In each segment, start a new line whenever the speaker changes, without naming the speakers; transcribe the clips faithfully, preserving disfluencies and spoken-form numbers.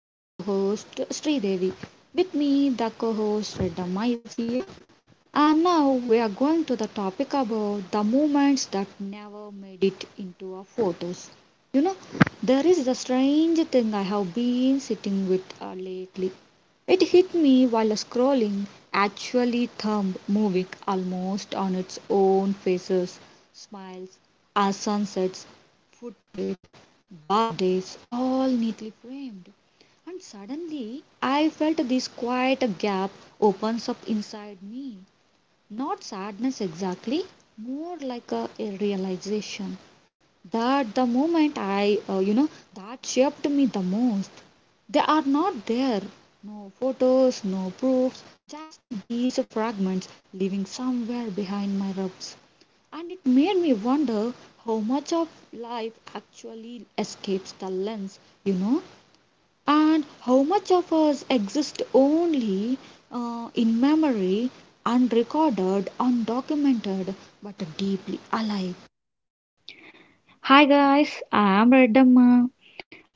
I'm your host Sri Devi. With me, the co-host Redha Ma is here. And now we are going to the topic about the moments that never made it into our photos. You know, there is the strange thing I have been sitting with uh, lately. It hit me while scrolling, actually, thumb moving almost on its own faces, smiles, our sunsets, food plates, birthdays, all neatly framed. And suddenly, I felt this quiet gap opens up inside me. Not sadness exactly, more like a, a realization that the moment I, uh, you know, that shaped me the most. They are not there. No photos, no proofs, just these fragments living somewhere behind my rubs. And it made me wonder how much of life actually escapes the lens, you know. And how much of us exist only uh, in memory, unrecorded, undocumented, but deeply alive?
Hi guys, I'm Redamma,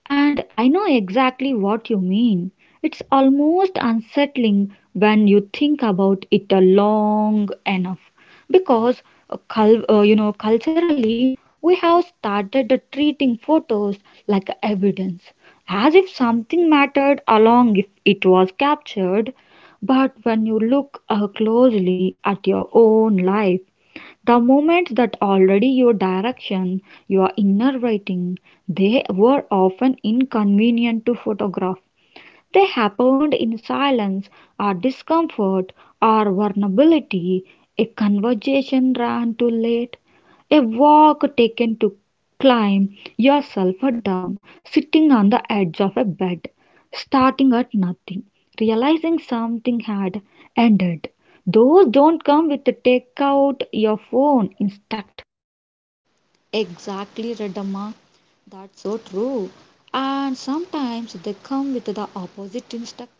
and I know exactly what you mean. It's almost unsettling when you think about it uh, long enough, because uh, cul- uh, you know culturally we have started treating photos like evidence, as if something mattered along if it was captured. But when you look uh, closely at your own life, the moments that already your direction, your inner writing, they were often inconvenient to photograph. They happened in silence or discomfort or vulnerability, a conversation ran too late, a walk taken to climb yourself down, sitting on the edge of a bed, starting at nothing, realizing something had ended. Those don't come with take out your phone instructions.
Exactly, Redamma. That's so true. And sometimes they come with the opposite instinct.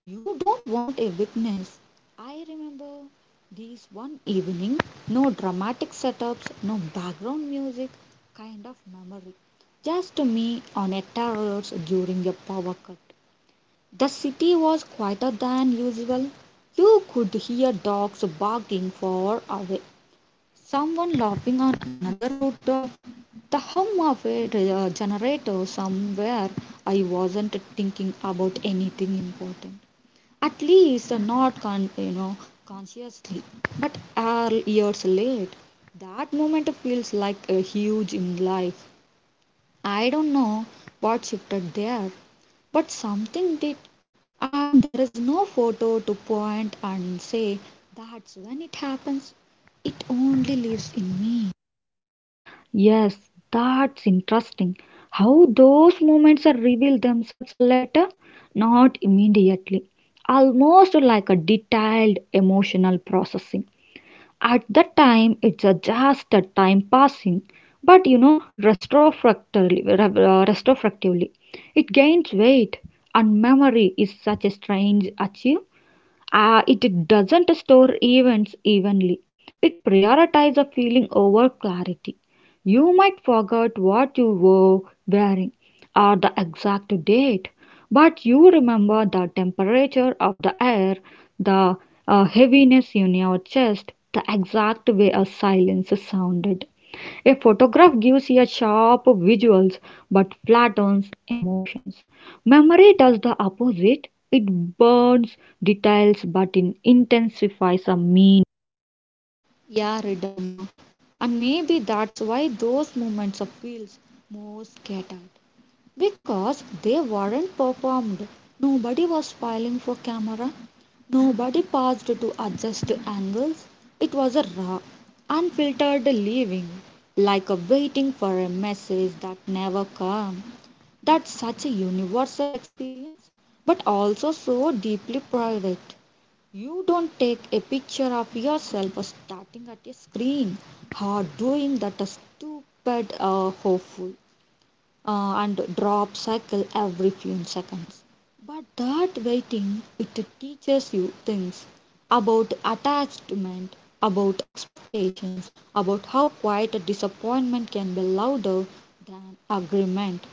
You don't want a witness. I remember this one evening, no dramatic setups, no background music, kind of memory. Just me on a terrace during a power cut. The city was quieter than usual. You could hear dogs barking far away, someone laughing on another rooftop, the hum of a uh, generator somewhere. I wasn't thinking about anything important, at least not con- you know consciously. But uh, years late, that moment feels like a huge in life. I don't know what shifted there, but something did, and there is no photo to point and say that's when it happens. It only lives in me.
Yes, that's interesting. How those moments are revealed themselves are later, not immediately. Almost like a detailed emotional processing. At that time, it's a just a time passing, but you know, retrospectively, re- uh, retrospectively, it gains weight, and memory is such a strange achieve, uh, it doesn't store events evenly. It prioritizes a feeling over clarity. You might forget what you were wearing or the exact date, but you remember the temperature of the air, the uh, heaviness in your chest, the exact way a silence sounded. A photograph gives you sharp visuals but flattens emotions. Memory does the opposite. It burns details but in intensifies a meaning.
Yeah, Ridamma. And maybe that's why those moments of feels more scattered. Because they weren't performed. Nobody was filing for camera. Nobody paused to adjust angles. It was a raw, unfiltered living, like a waiting for a message that never came. That's such a universal experience, but also so deeply private. You don't take a picture of yourself starting at a screen or doing that stupid uh, hopeful uh, and drop cycle every few seconds. But that waiting, it teaches you things about attachment, about expectations, about how quiet a disappointment can be louder than agreement.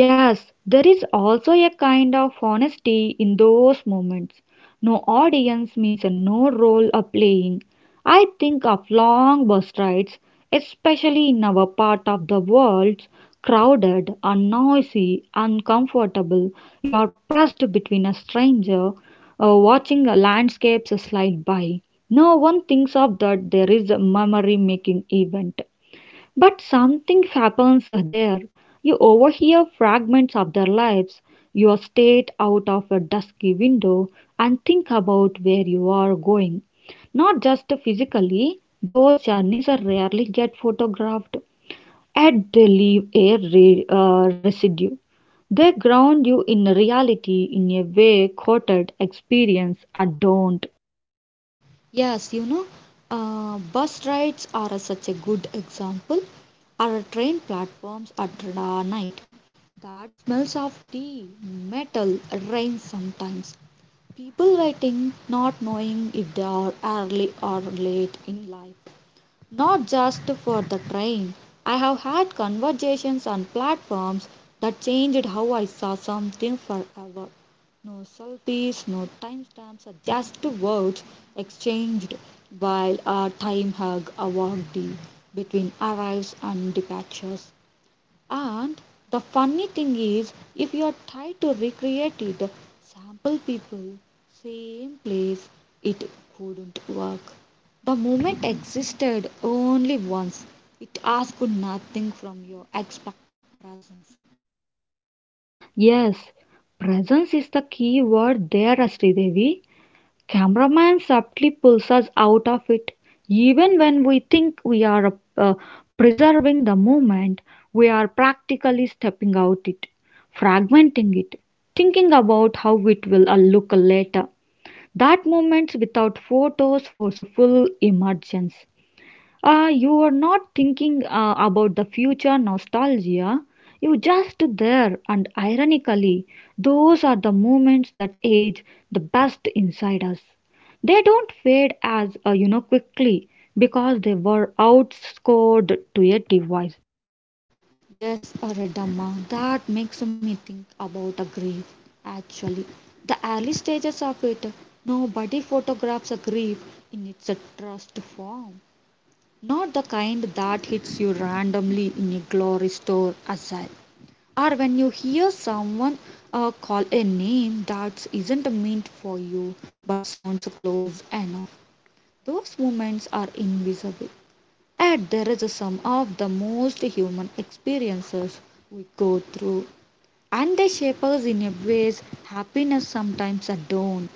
Yes, there is also a kind of honesty in those moments. No audience means no role are playing. I think of long bus rides, especially in our part of the world, crowded and noisy, uncomfortable. You are pressed between a stranger, uh, watching the landscapes slide by. No one thinks of that there is a memory making event. But something happens there. You overhear fragments of their lives. You state out of a dusky window and think about where you are going. Not just physically, those journeys are rarely get photographed. Yet they leave a re- uh, residue. They ground you in reality in a way quoted experience or don't.
Yes, you know, uh, bus rides are a- such a good example, or train platforms at uh, night. That smells of tea, metal, rain sometimes. People waiting, not knowing if they are early or late in life. Not just for the train. I have had conversations on platforms that changed how I saw something forever. No selfies, no timestamps, just words exchanged while a time hug a between arrives and departures. And the funny thing is, if you are trying to recreate it, sample people, same place, it couldn't work. The moment existed only once. It asked nothing from you except the presence.
Yes, presence is the key word there, Sridevi. Cameraman subtly pulls us out of it. Even when we think we are uh, preserving the moment, we are practically stepping out it, fragmenting it, thinking about how it will uh, look later. That moment, without photos force a full emergence. Uh, you are not thinking uh, about the future nostalgia. You just there, and ironically, those are the moments that age the best inside us. They don't fade as uh, you know quickly because they were outscored to a device.
Yes, Aradama, that makes me think about a grave. Actually, the early stages of it, nobody photographs a grave in its trust form. Not the kind that hits you randomly in a glory store aside, or when you hear someone uh, call a name that isn't meant for you but sounds close enough. Those moments are invisible. Yet there is a sum of the most human experiences we go through, and they shape us in a ways happiness sometimes don't.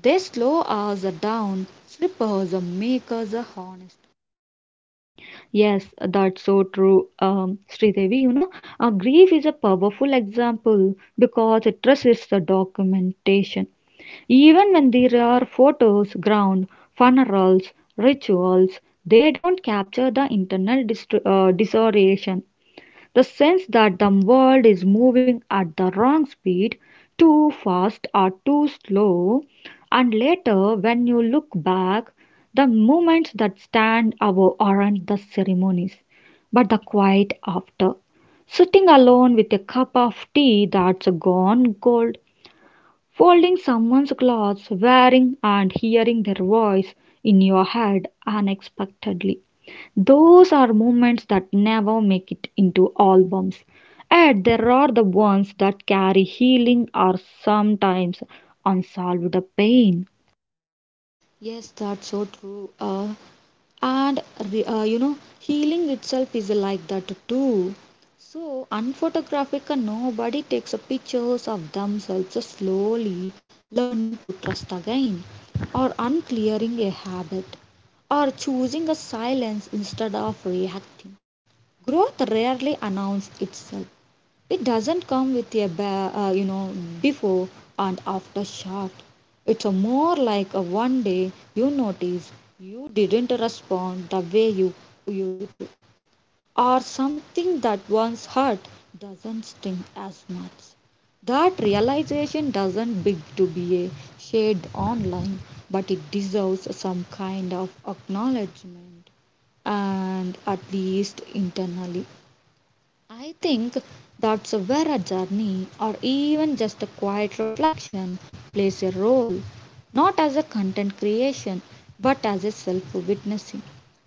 They slow us down, slip us, make us honest.
Yes, that's so true, um, Sridevi. You know, uh, grief is a powerful example because it resists the documentation. Even when there are photos, ground, funerals, rituals, they don't capture the internal dist- uh, disorientation the sense that the world is moving at the wrong speed, too fast or too slow, and later when you look back, the moments that stand out aren't the ceremonies, but the quiet after. Sitting alone with a cup of tea that's gone cold, folding someone's clothes, wearing and hearing their voice in your head unexpectedly. Those are moments that never make it into albums. And there are the ones that carry healing or sometimes unsolved pain.
Yes, that's so true. Uh, and re- uh, you know healing itself is like that too, so unphotographic, and nobody takes a pictures of themselves so slowly learning to trust again, or unclearing a habit, or choosing a silence instead of reacting. Growth rarely announces itself. It doesn't come with a ba- uh, you know before and after shot. It's a more like a one day you notice you didn't respond the way you used to, or something that once hurt doesn't sting as much. That realization doesn't big to be a shared online, but it deserves some kind of acknowledgement, and at least internally. I think that's where a journey, or even just a quiet reflection, plays a role, not as a content creation but as a self witnessing.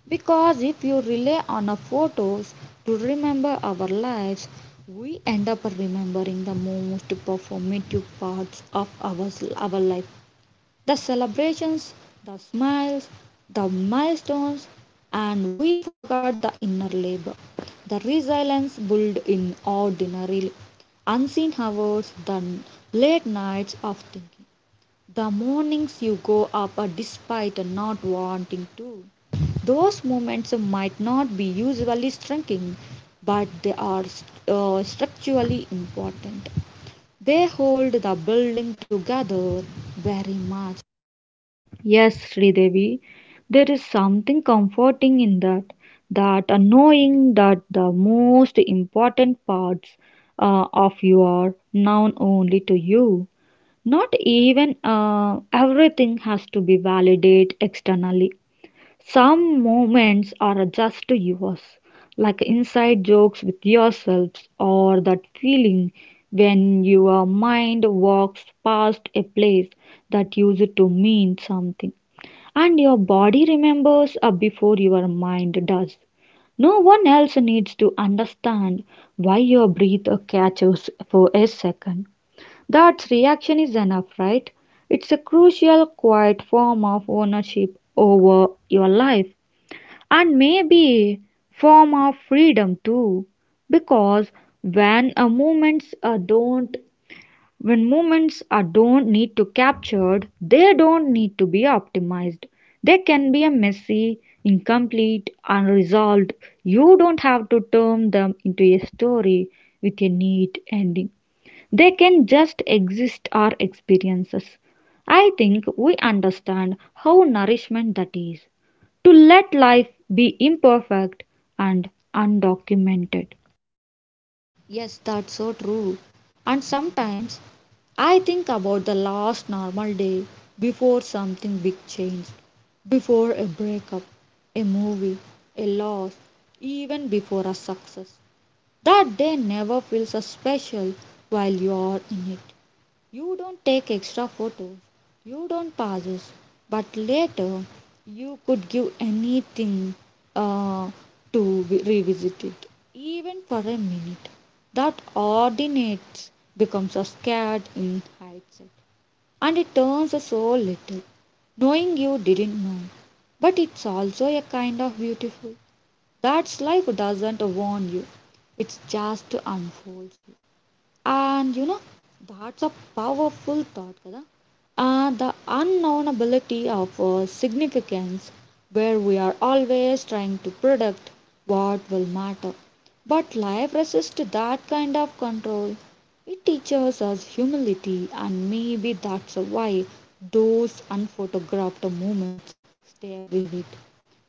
Because if you rely on our photos to remember our lives, we end up remembering the most performative parts of our, our life, the celebrations, the smiles, the milestones, and we forgot the inner labor, the resilience built in ordinary, unseen hours, the late nights of thinking, the mornings you go up despite not wanting to. Those moments might not be usually striking, but they are uh, structurally important. They hold the building together very much.
Yes, Sridevi, there is something comforting in that. That uh, knowing that the most important parts uh, of you are known only to you. Not even uh, everything has to be validated externally. Some moments are just yours, like inside jokes with yourselves or that feeling when your mind walks past a place that used to mean something and your body remembers uh, before your mind does. No one else needs to understand why your breath catches for a second. That reaction is enough, right? It's a crucial, quiet form of ownership over your life and maybe form of freedom too. Because when a movements uh, don't when movements are don't need to captured, they don't need to be optimized. They can be a messy, incomplete, unresolved. You don't have to turn them into a story with a neat ending. They can just exist our experiences. I think we understand how nourishment that is to let life be imperfect and undocumented.
Yes, that's so true. And sometimes I think about the last normal day before something big changed, before a breakup, a movie, a loss, even before a success. That day never feels as special while you're in it. You don't take extra photos, you don't passes, but later you could give anything uh, to vi- revisit it, even for a minute. That ordinates becomes a scared in hindsight, and it turns us so little, knowing you didn't know. But it's also a kind of beautiful. That's life doesn't warn you, it's just unfolds you. And you know, that's a powerful thought, Kada. Uh, the unknownability of uh, significance, where we are always trying to predict what will matter. But life resists that kind of control. It teaches us humility, and maybe that's why those unphotographed moments stay vivid.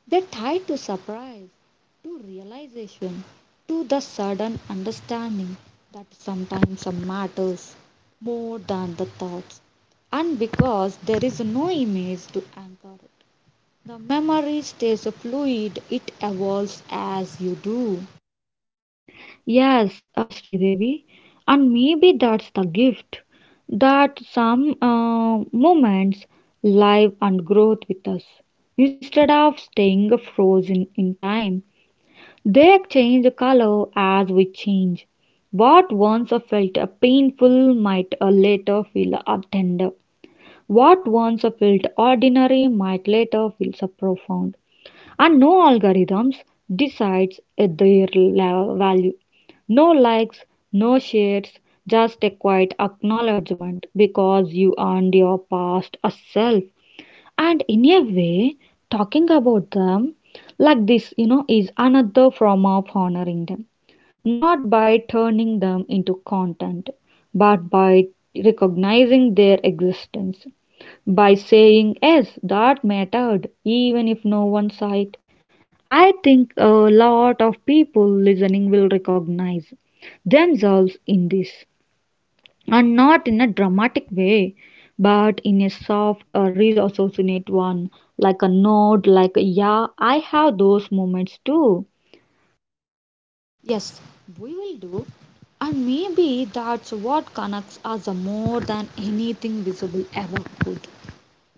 They're tied to surprise, to realization, to the sudden understanding that sometimes matters more than the thoughts. And because there is no image to anchor it, the memory stays fluid, it evolves as you do.
Yes, uh, Sridevi, and maybe that's the gift that some uh, moments live and growth with us instead of staying frozen in time. They change color as we change. What once felt painful might later feel tender. What once felt ordinary might later feel profound. And no algorithms decides their value. No likes, no shares, just a quiet acknowledgement because you earned your past self and in a way talking about them like this you know is another form of honoring them, not by turning them into content but by recognizing their existence, by saying yes that mattered even if no one saw it. I think a lot of people listening will recognize themselves in this, and not in a dramatic way, but in a soft or reassociate one, like a nod, like a yeah, I have those moments too.
Yes, we will do. And maybe that's what connects us more than anything visible ever could,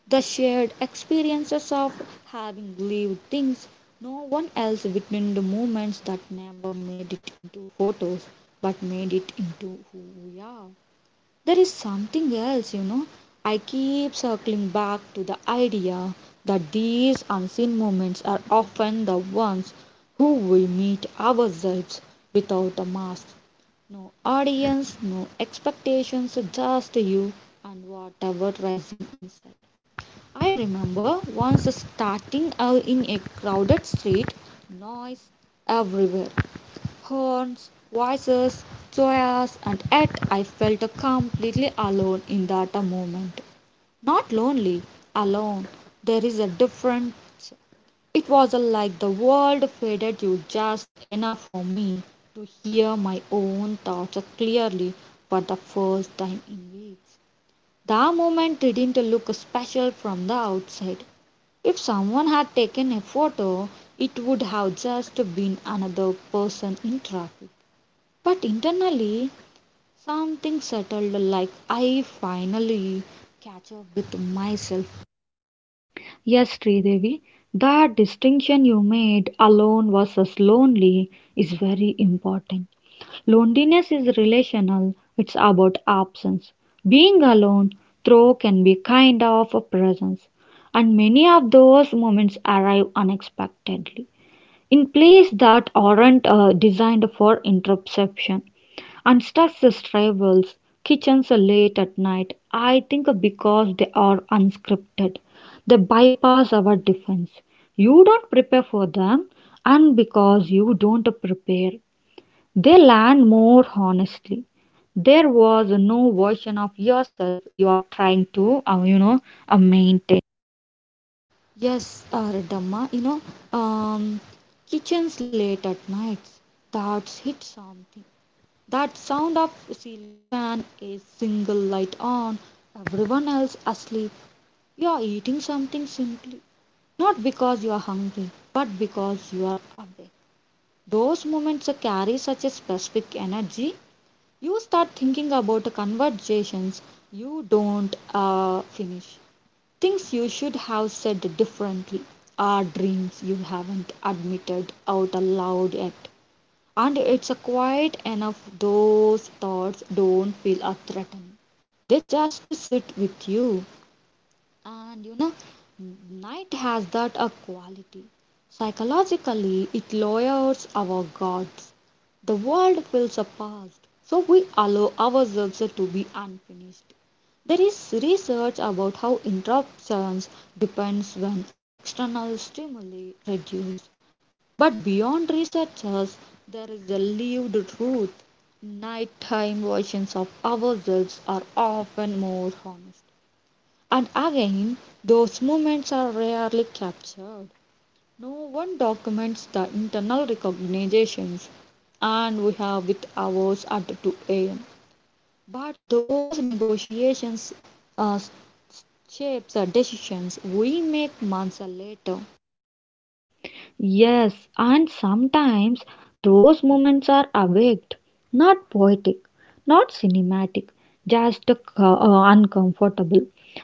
the shared experiences of having lived things no one else witnessed, the moments that never made it into photos but made it into who we are. There is something else. you know I keep circling back to the idea that these unseen moments are often the ones who we meet ourselves without a mask. No audience, no expectations, just you and whatever rising inside. I remember once starting out in a crowded street, noise everywhere, horns, voices, joyous, and yet I felt completely alone in that moment. Not lonely, alone. There is a difference. It was like the world faded you just enough for me to hear my own thoughts clearly for the first time in weeks. The moment didn't look special from the outside. If someone had taken a photo, it would have just been another person in traffic. But internally, something settled like I finally catch up with myself.
Yes, Sridevi, that distinction you made alone versus lonely is very important. Loneliness is relational, it's about absence. Being alone, though, can be kind of a presence, and many of those moments arrive unexpectedly in plays that aren't uh, designed for interception. And Stux's travels kitchens are late at night, I think because they are unscripted. They bypass our defense. You don't prepare for them, and because you don't prepare, they land more honestly. There was no version of yourself you are trying to, uh, you know, uh, maintain.
Yes, uh, Dhamma, you know, um, kitchens late at nights. That's hit something. That sound of ceiling fan, a single light on, everyone else asleep. You are eating something simply, not because you are hungry, but because you are awake. Those moments carry such a specific energy. You start thinking about conversations you don't uh, finish, things you should have said differently, or dreams you haven't admitted out aloud yet. And it's quite enough, those thoughts don't feel a threatening. They just sit with you. And you know night has that a quality, psychologically. It lowers our guards. The world feels a past, so we allow ourselves to be unfinished. There is research about how interruptions depends when our external stimuli reduce. But beyond researchers, there is a lived truth: nighttime versions of ourselves are often more honest. And again, those moments are rarely captured. No one documents the internal recognitions, and we have with hours at two a m. But those negotiations uh, shapes the decisions we make months later.
Yes, and sometimes those moments are awaked, not poetic, not cinematic, just uh, uh, uncomfortable,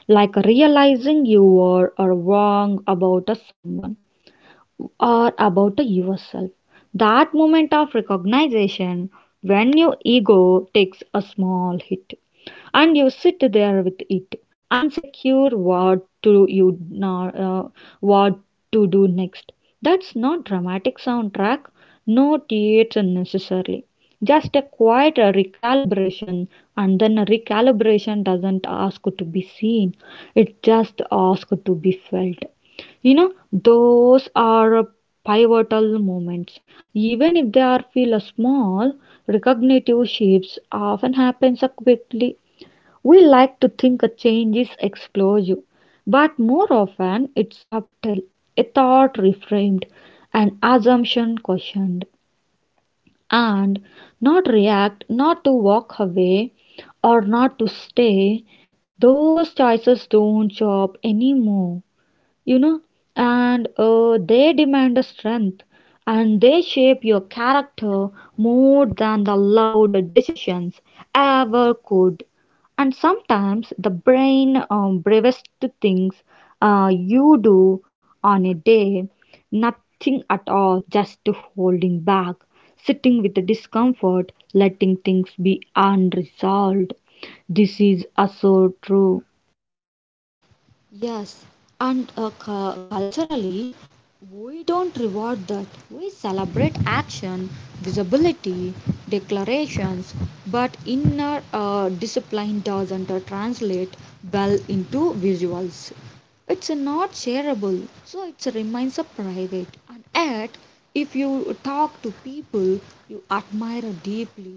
like realizing you are, are wrong about uh, someone, or about yourself. That moment of recognition when your ego takes a small hit and you sit there with it, unsecure what to you nor- uh, what to do next. That's not dramatic soundtrack, no theater necessarily. Just a quiet uh, recalibration, and then a recalibration doesn't ask to be seen, it just asks to be felt. you know those are uh, pivotal moments, even if they are feel uh, small. Recognitive shifts often happen so quickly. We like to think a change is explosive but more often it's subtle, a thought reframed, an assumption questioned, and not react, not to walk away or not to stay, those choices don't job anymore. you know and uh, they demand a strength and they shape your character more than the loud decisions ever could. And sometimes the brain um, bravest things uh, you do on a day nothing at all, just holding back, sitting with the discomfort, letting things be unresolved. This is also true.
Yes, and uh, cu- culturally, we don't reward that. We celebrate action, visibility, declarations, but inner uh, discipline doesn't uh, translate well into visuals. It's not shareable, so it remains a private. And yet, if you talk to people you admire deeply,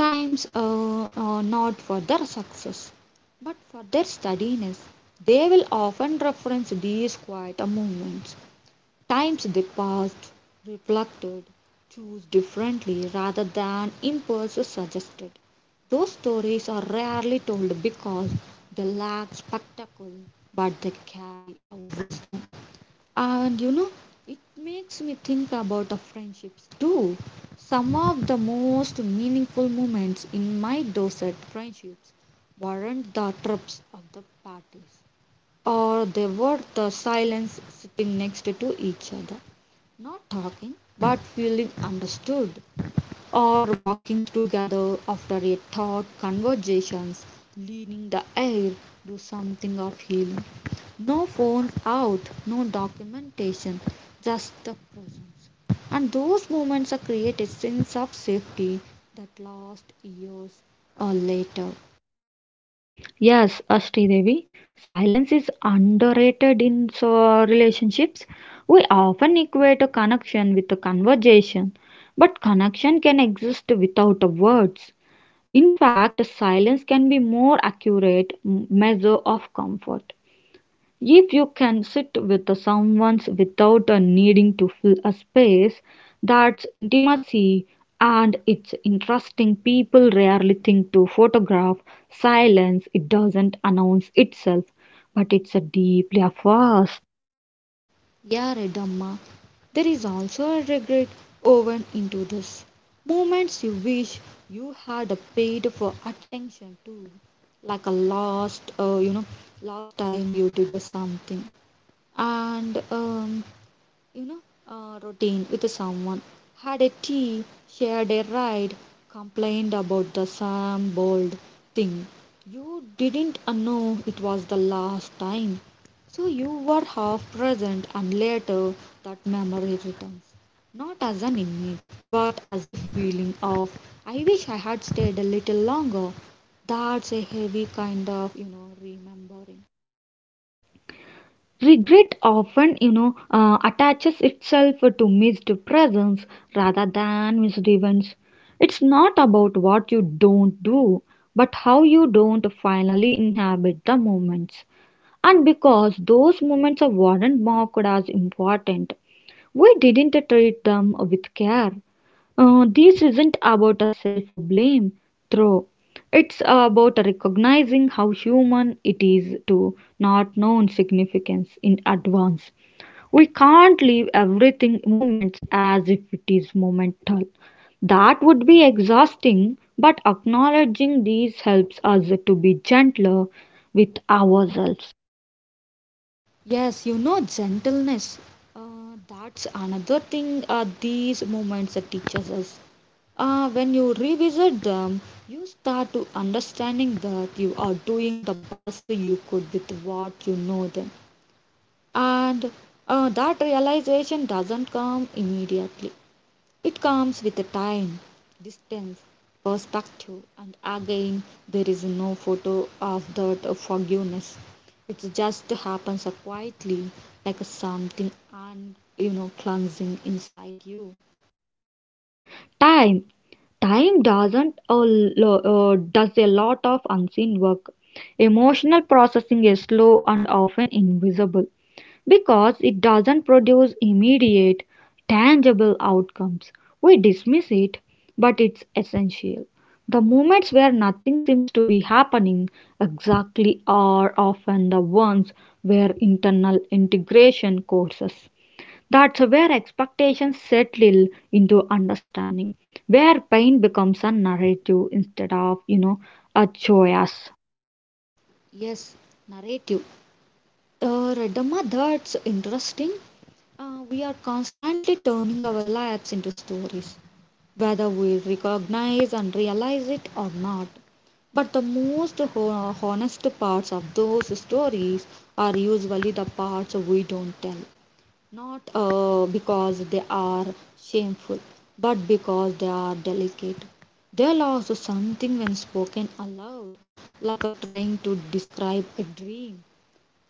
times uh, uh, not for their success but for their steadiness. They will often reference these quiet moments, times they passed, reflected, chose differently rather than impulses suggested. Those stories are rarely told because they lack spectacle, but they carry a wisdom. And you know, it makes me think about the friendships too. Some of the most meaningful moments in my Dorset friendships weren't the trips of the parties, or they were the silence sitting next to each other, not talking but feeling understood, or walking together after a thought conversations, leaning the air, do something of healing. No phone out, no documentation, just the presence. And those moments are create a sense of safety that lasts years or later.
Yes, Ashti Devi, silence is underrated in so relationships. We often equate a connection with a conversation, but connection can exist without the words. In fact, silence can be more accurate m- measure of comfort. If you can sit with someone without needing to fill a space, that's intimacy, and it's interesting. People rarely think to photograph silence, it doesn't announce itself, but it's a deeply fast.
Yeah, Redamma, there is also a regret woven into this. Moments you wish you had paid for attention to, like a last, uh, you know, last time you did a something. And um, you know, uh, routine with someone. Had a tea, shared a ride, complained about the same bold thing. You didn't uh, know it was the last time. So you were half present and later that memory returns. Not as an image, but as a feeling of, I wish I had stayed a little longer. That's a heavy kind of, you know, remembering.
Regret often, you know, uh, attaches itself to missed presence rather than missed events. It's not about what you don't do, but how you don't finally inhabit the moments. And because those moments are weren't marked as important, we didn't treat them with care. Uh, this isn't about a self blame throw. It's about recognizing how human it is to not know significance in advance. We can't leave everything moments as if it is momental. That would be exhausting, but acknowledging these helps us to be gentler with ourselves.
Yes, you know, gentleness. Uh, that's another thing uh, these moments that teaches us. Uh, when you revisit them, you start to understanding that you are doing the best you could with what you know then. And uh, that realization doesn't come immediately. It comes with the time, distance, perspective, and again, there is no photo of that forgiveness. It just happens quietly, like something un, you know, cleansing inside you.
Time. Time doesn't a lo- uh, does a lot of unseen work. Emotional processing is slow and often invisible because it doesn't produce immediate, tangible outcomes. We dismiss it, but it's essential. The moments where nothing seems to be happening exactly are often the ones where internal integration courses. That's where expectations settle into understanding, where pain becomes a narrative instead of, you know, a joyous.
Yes, narrative. Uh, Radama, that's interesting. Uh, we are constantly turning our lives into stories, whether we recognize and realize it or not. But the most ho- honest parts of those stories are usually the parts we don't tell. Not uh, because they are shameful, but because they are delicate. They lost something when spoken aloud, like a trying to describe a dream.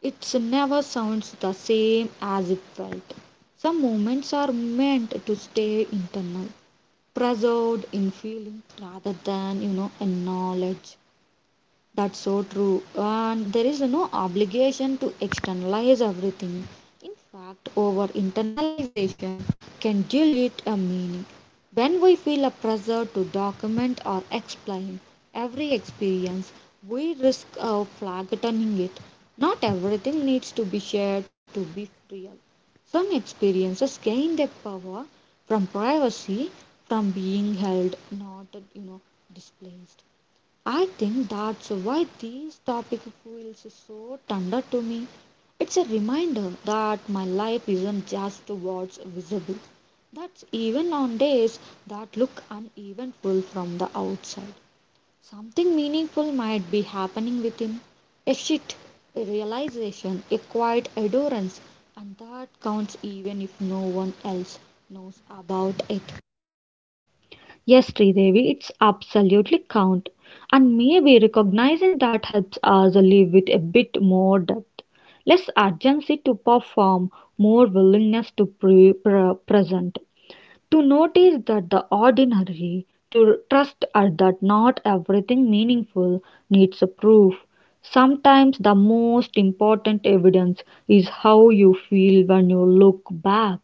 It never sounds the same as it felt. Some moments are meant to stay internal, preserved in feeling rather than, you know, in knowledge. That's so true. And there is no obligation to externalize everything. In fact, over internalization can dilute a meaning. When we feel a pressure to document or explain every experience, we risk uh, flattening it. Not everything needs to be shared to be real. Some experiences gain their power from privacy, from being held, not you know displaced. I think that's why this topic feels so tender to me. It's a reminder that my life isn't just what's visible. That's even on days that look uneventful from the outside. Something meaningful might be happening within. A shift, a realization, a quiet adorance, and that counts even if no one else knows about it.
Yes, Devi, it's absolutely count. And maybe recognizing that helps us live with a bit more depth, less urgency to perform, more willingness to pre- pre- present. To notice that the ordinary, to trust at that not everything meaningful needs a proof. Sometimes the most important evidence is how you feel when you look back,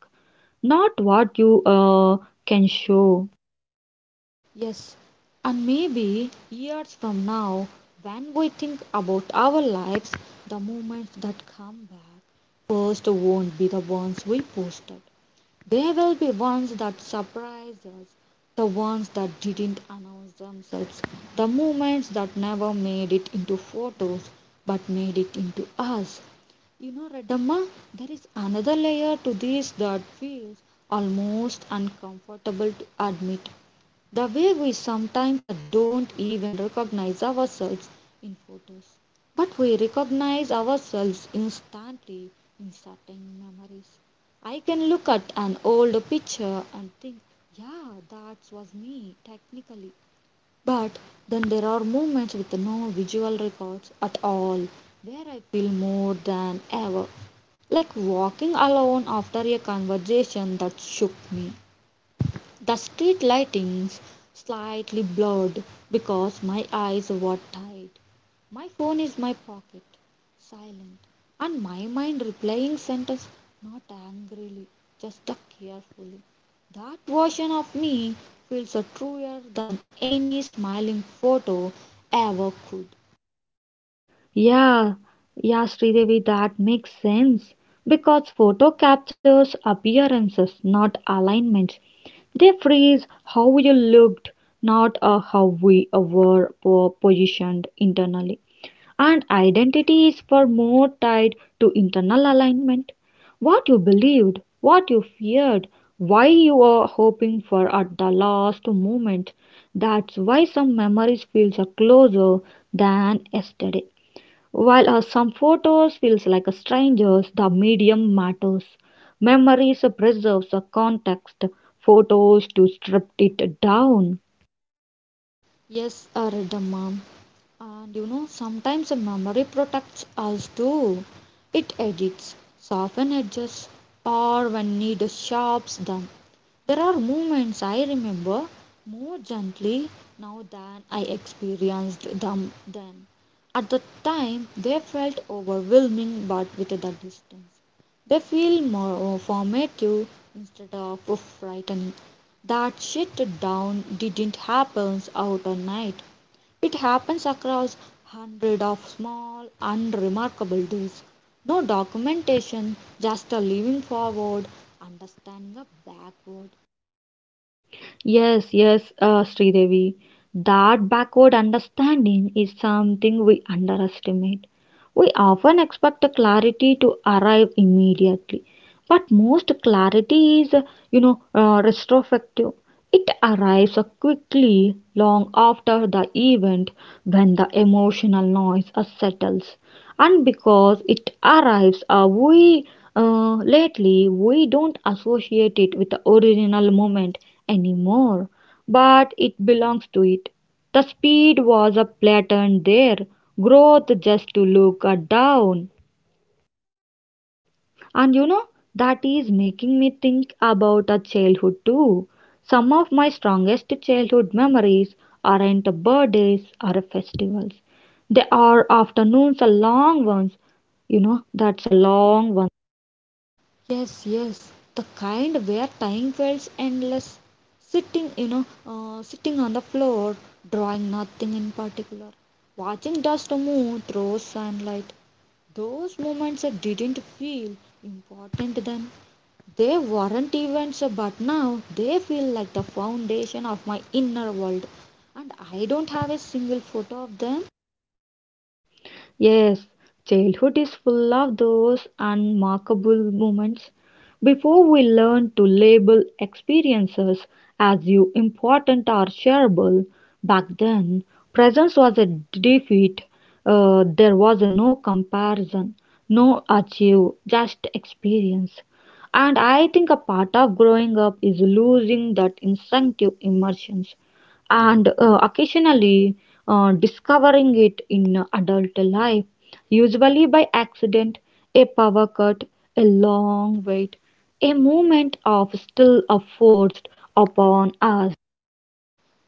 not what you uh, can show.
Yes, and maybe years from now, when we think about our lives, the moments that come back first won't be the ones we posted. They will be ones that surprise us, the ones that didn't announce themselves, the moments that never made it into photos but made it into us. You know, Redamma, there is another layer to this that feels almost uncomfortable to admit the way we sometimes uh, don't even recognize ourselves in photos, but we recognize ourselves instantly in certain memories. I can look at an old picture and think, yeah, that was me technically. But then there are moments with no visual records at all where I feel more than ever like walking alone after a conversation that shook me. The street lightings slightly blurred because my eyes were tired. My phone is my pocket, silent, and my mind replying sentence not angrily, just carefully. That version of me feels uh, truer than any smiling photo ever could.
Yeah, yeah, Sridevi, that makes sense. Because photo captures appearances, not alignments. They freeze how you looked, not uh, how we uh, were po- positioned internally. And identity is far more tied to internal alignment. What you believed, what you feared, why you were hoping for at the last moment. That's why some memories feel so closer than yesterday. While uh, some photos feels like a strangers, the medium matters. Memories preserves a context. Photos to strip it down.
Yes, I read the mom. And you know, sometimes a memory protects us too. It edits, softens edges, or when need sharps them. There are moments I remember more gently now than I experienced them then. At the time, they felt overwhelming, but with the distance, they feel more uh, formative instead of frightening. That shit down didn't happen out of night. It happens across hundreds of small, unremarkable days. No documentation, just a living forward, understanding a backward.
Yes, yes, uh, Sridevi. That backward understanding is something we underestimate. We often expect clarity to arrive immediately, but most clarity is, you know, uh, retrospective. It arrives quickly long after the event when the emotional noise uh, settles. And because it arrives, uh, we uh, lately we don't associate it with the original moment anymore, but it belongs to it. The speed was a upflattened there. Growth just to look at down. And you know, that is making me think about a childhood too. Some of my strongest childhood memories aren't birthdays or festivals. They are afternoons, a long ones. You know, that's a long one.
Yes, yes, the kind where time feels endless. Sitting, you know, uh, sitting on the floor, drawing nothing in particular, watching dust move through sunlight. Those moments I didn't feel important then. They weren't events, but now they feel like the foundation of my inner world. And I don't have a single photo of them.
Yes, childhood is full of those unmarkable moments. Before we learn to label experiences as you important or shareable, back then, presence was a defeat. Uh, there was no comparison, no achieve, just experience. And I think a part of growing up is losing that instinctive immersion and uh, occasionally uh, discovering it in adult life, usually by accident, a power cut, a long wait, a moment of still are forced upon us.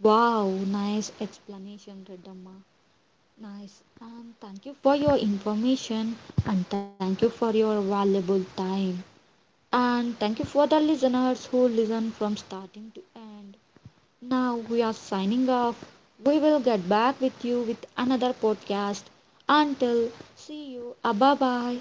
Wow, nice explanation, Redamma. Nice. And thank you for your information and thank you for your valuable time. And thank you for the listeners who listen from starting to end. Now we are signing off. We will get back with you with another podcast. Until see you. Bye bye.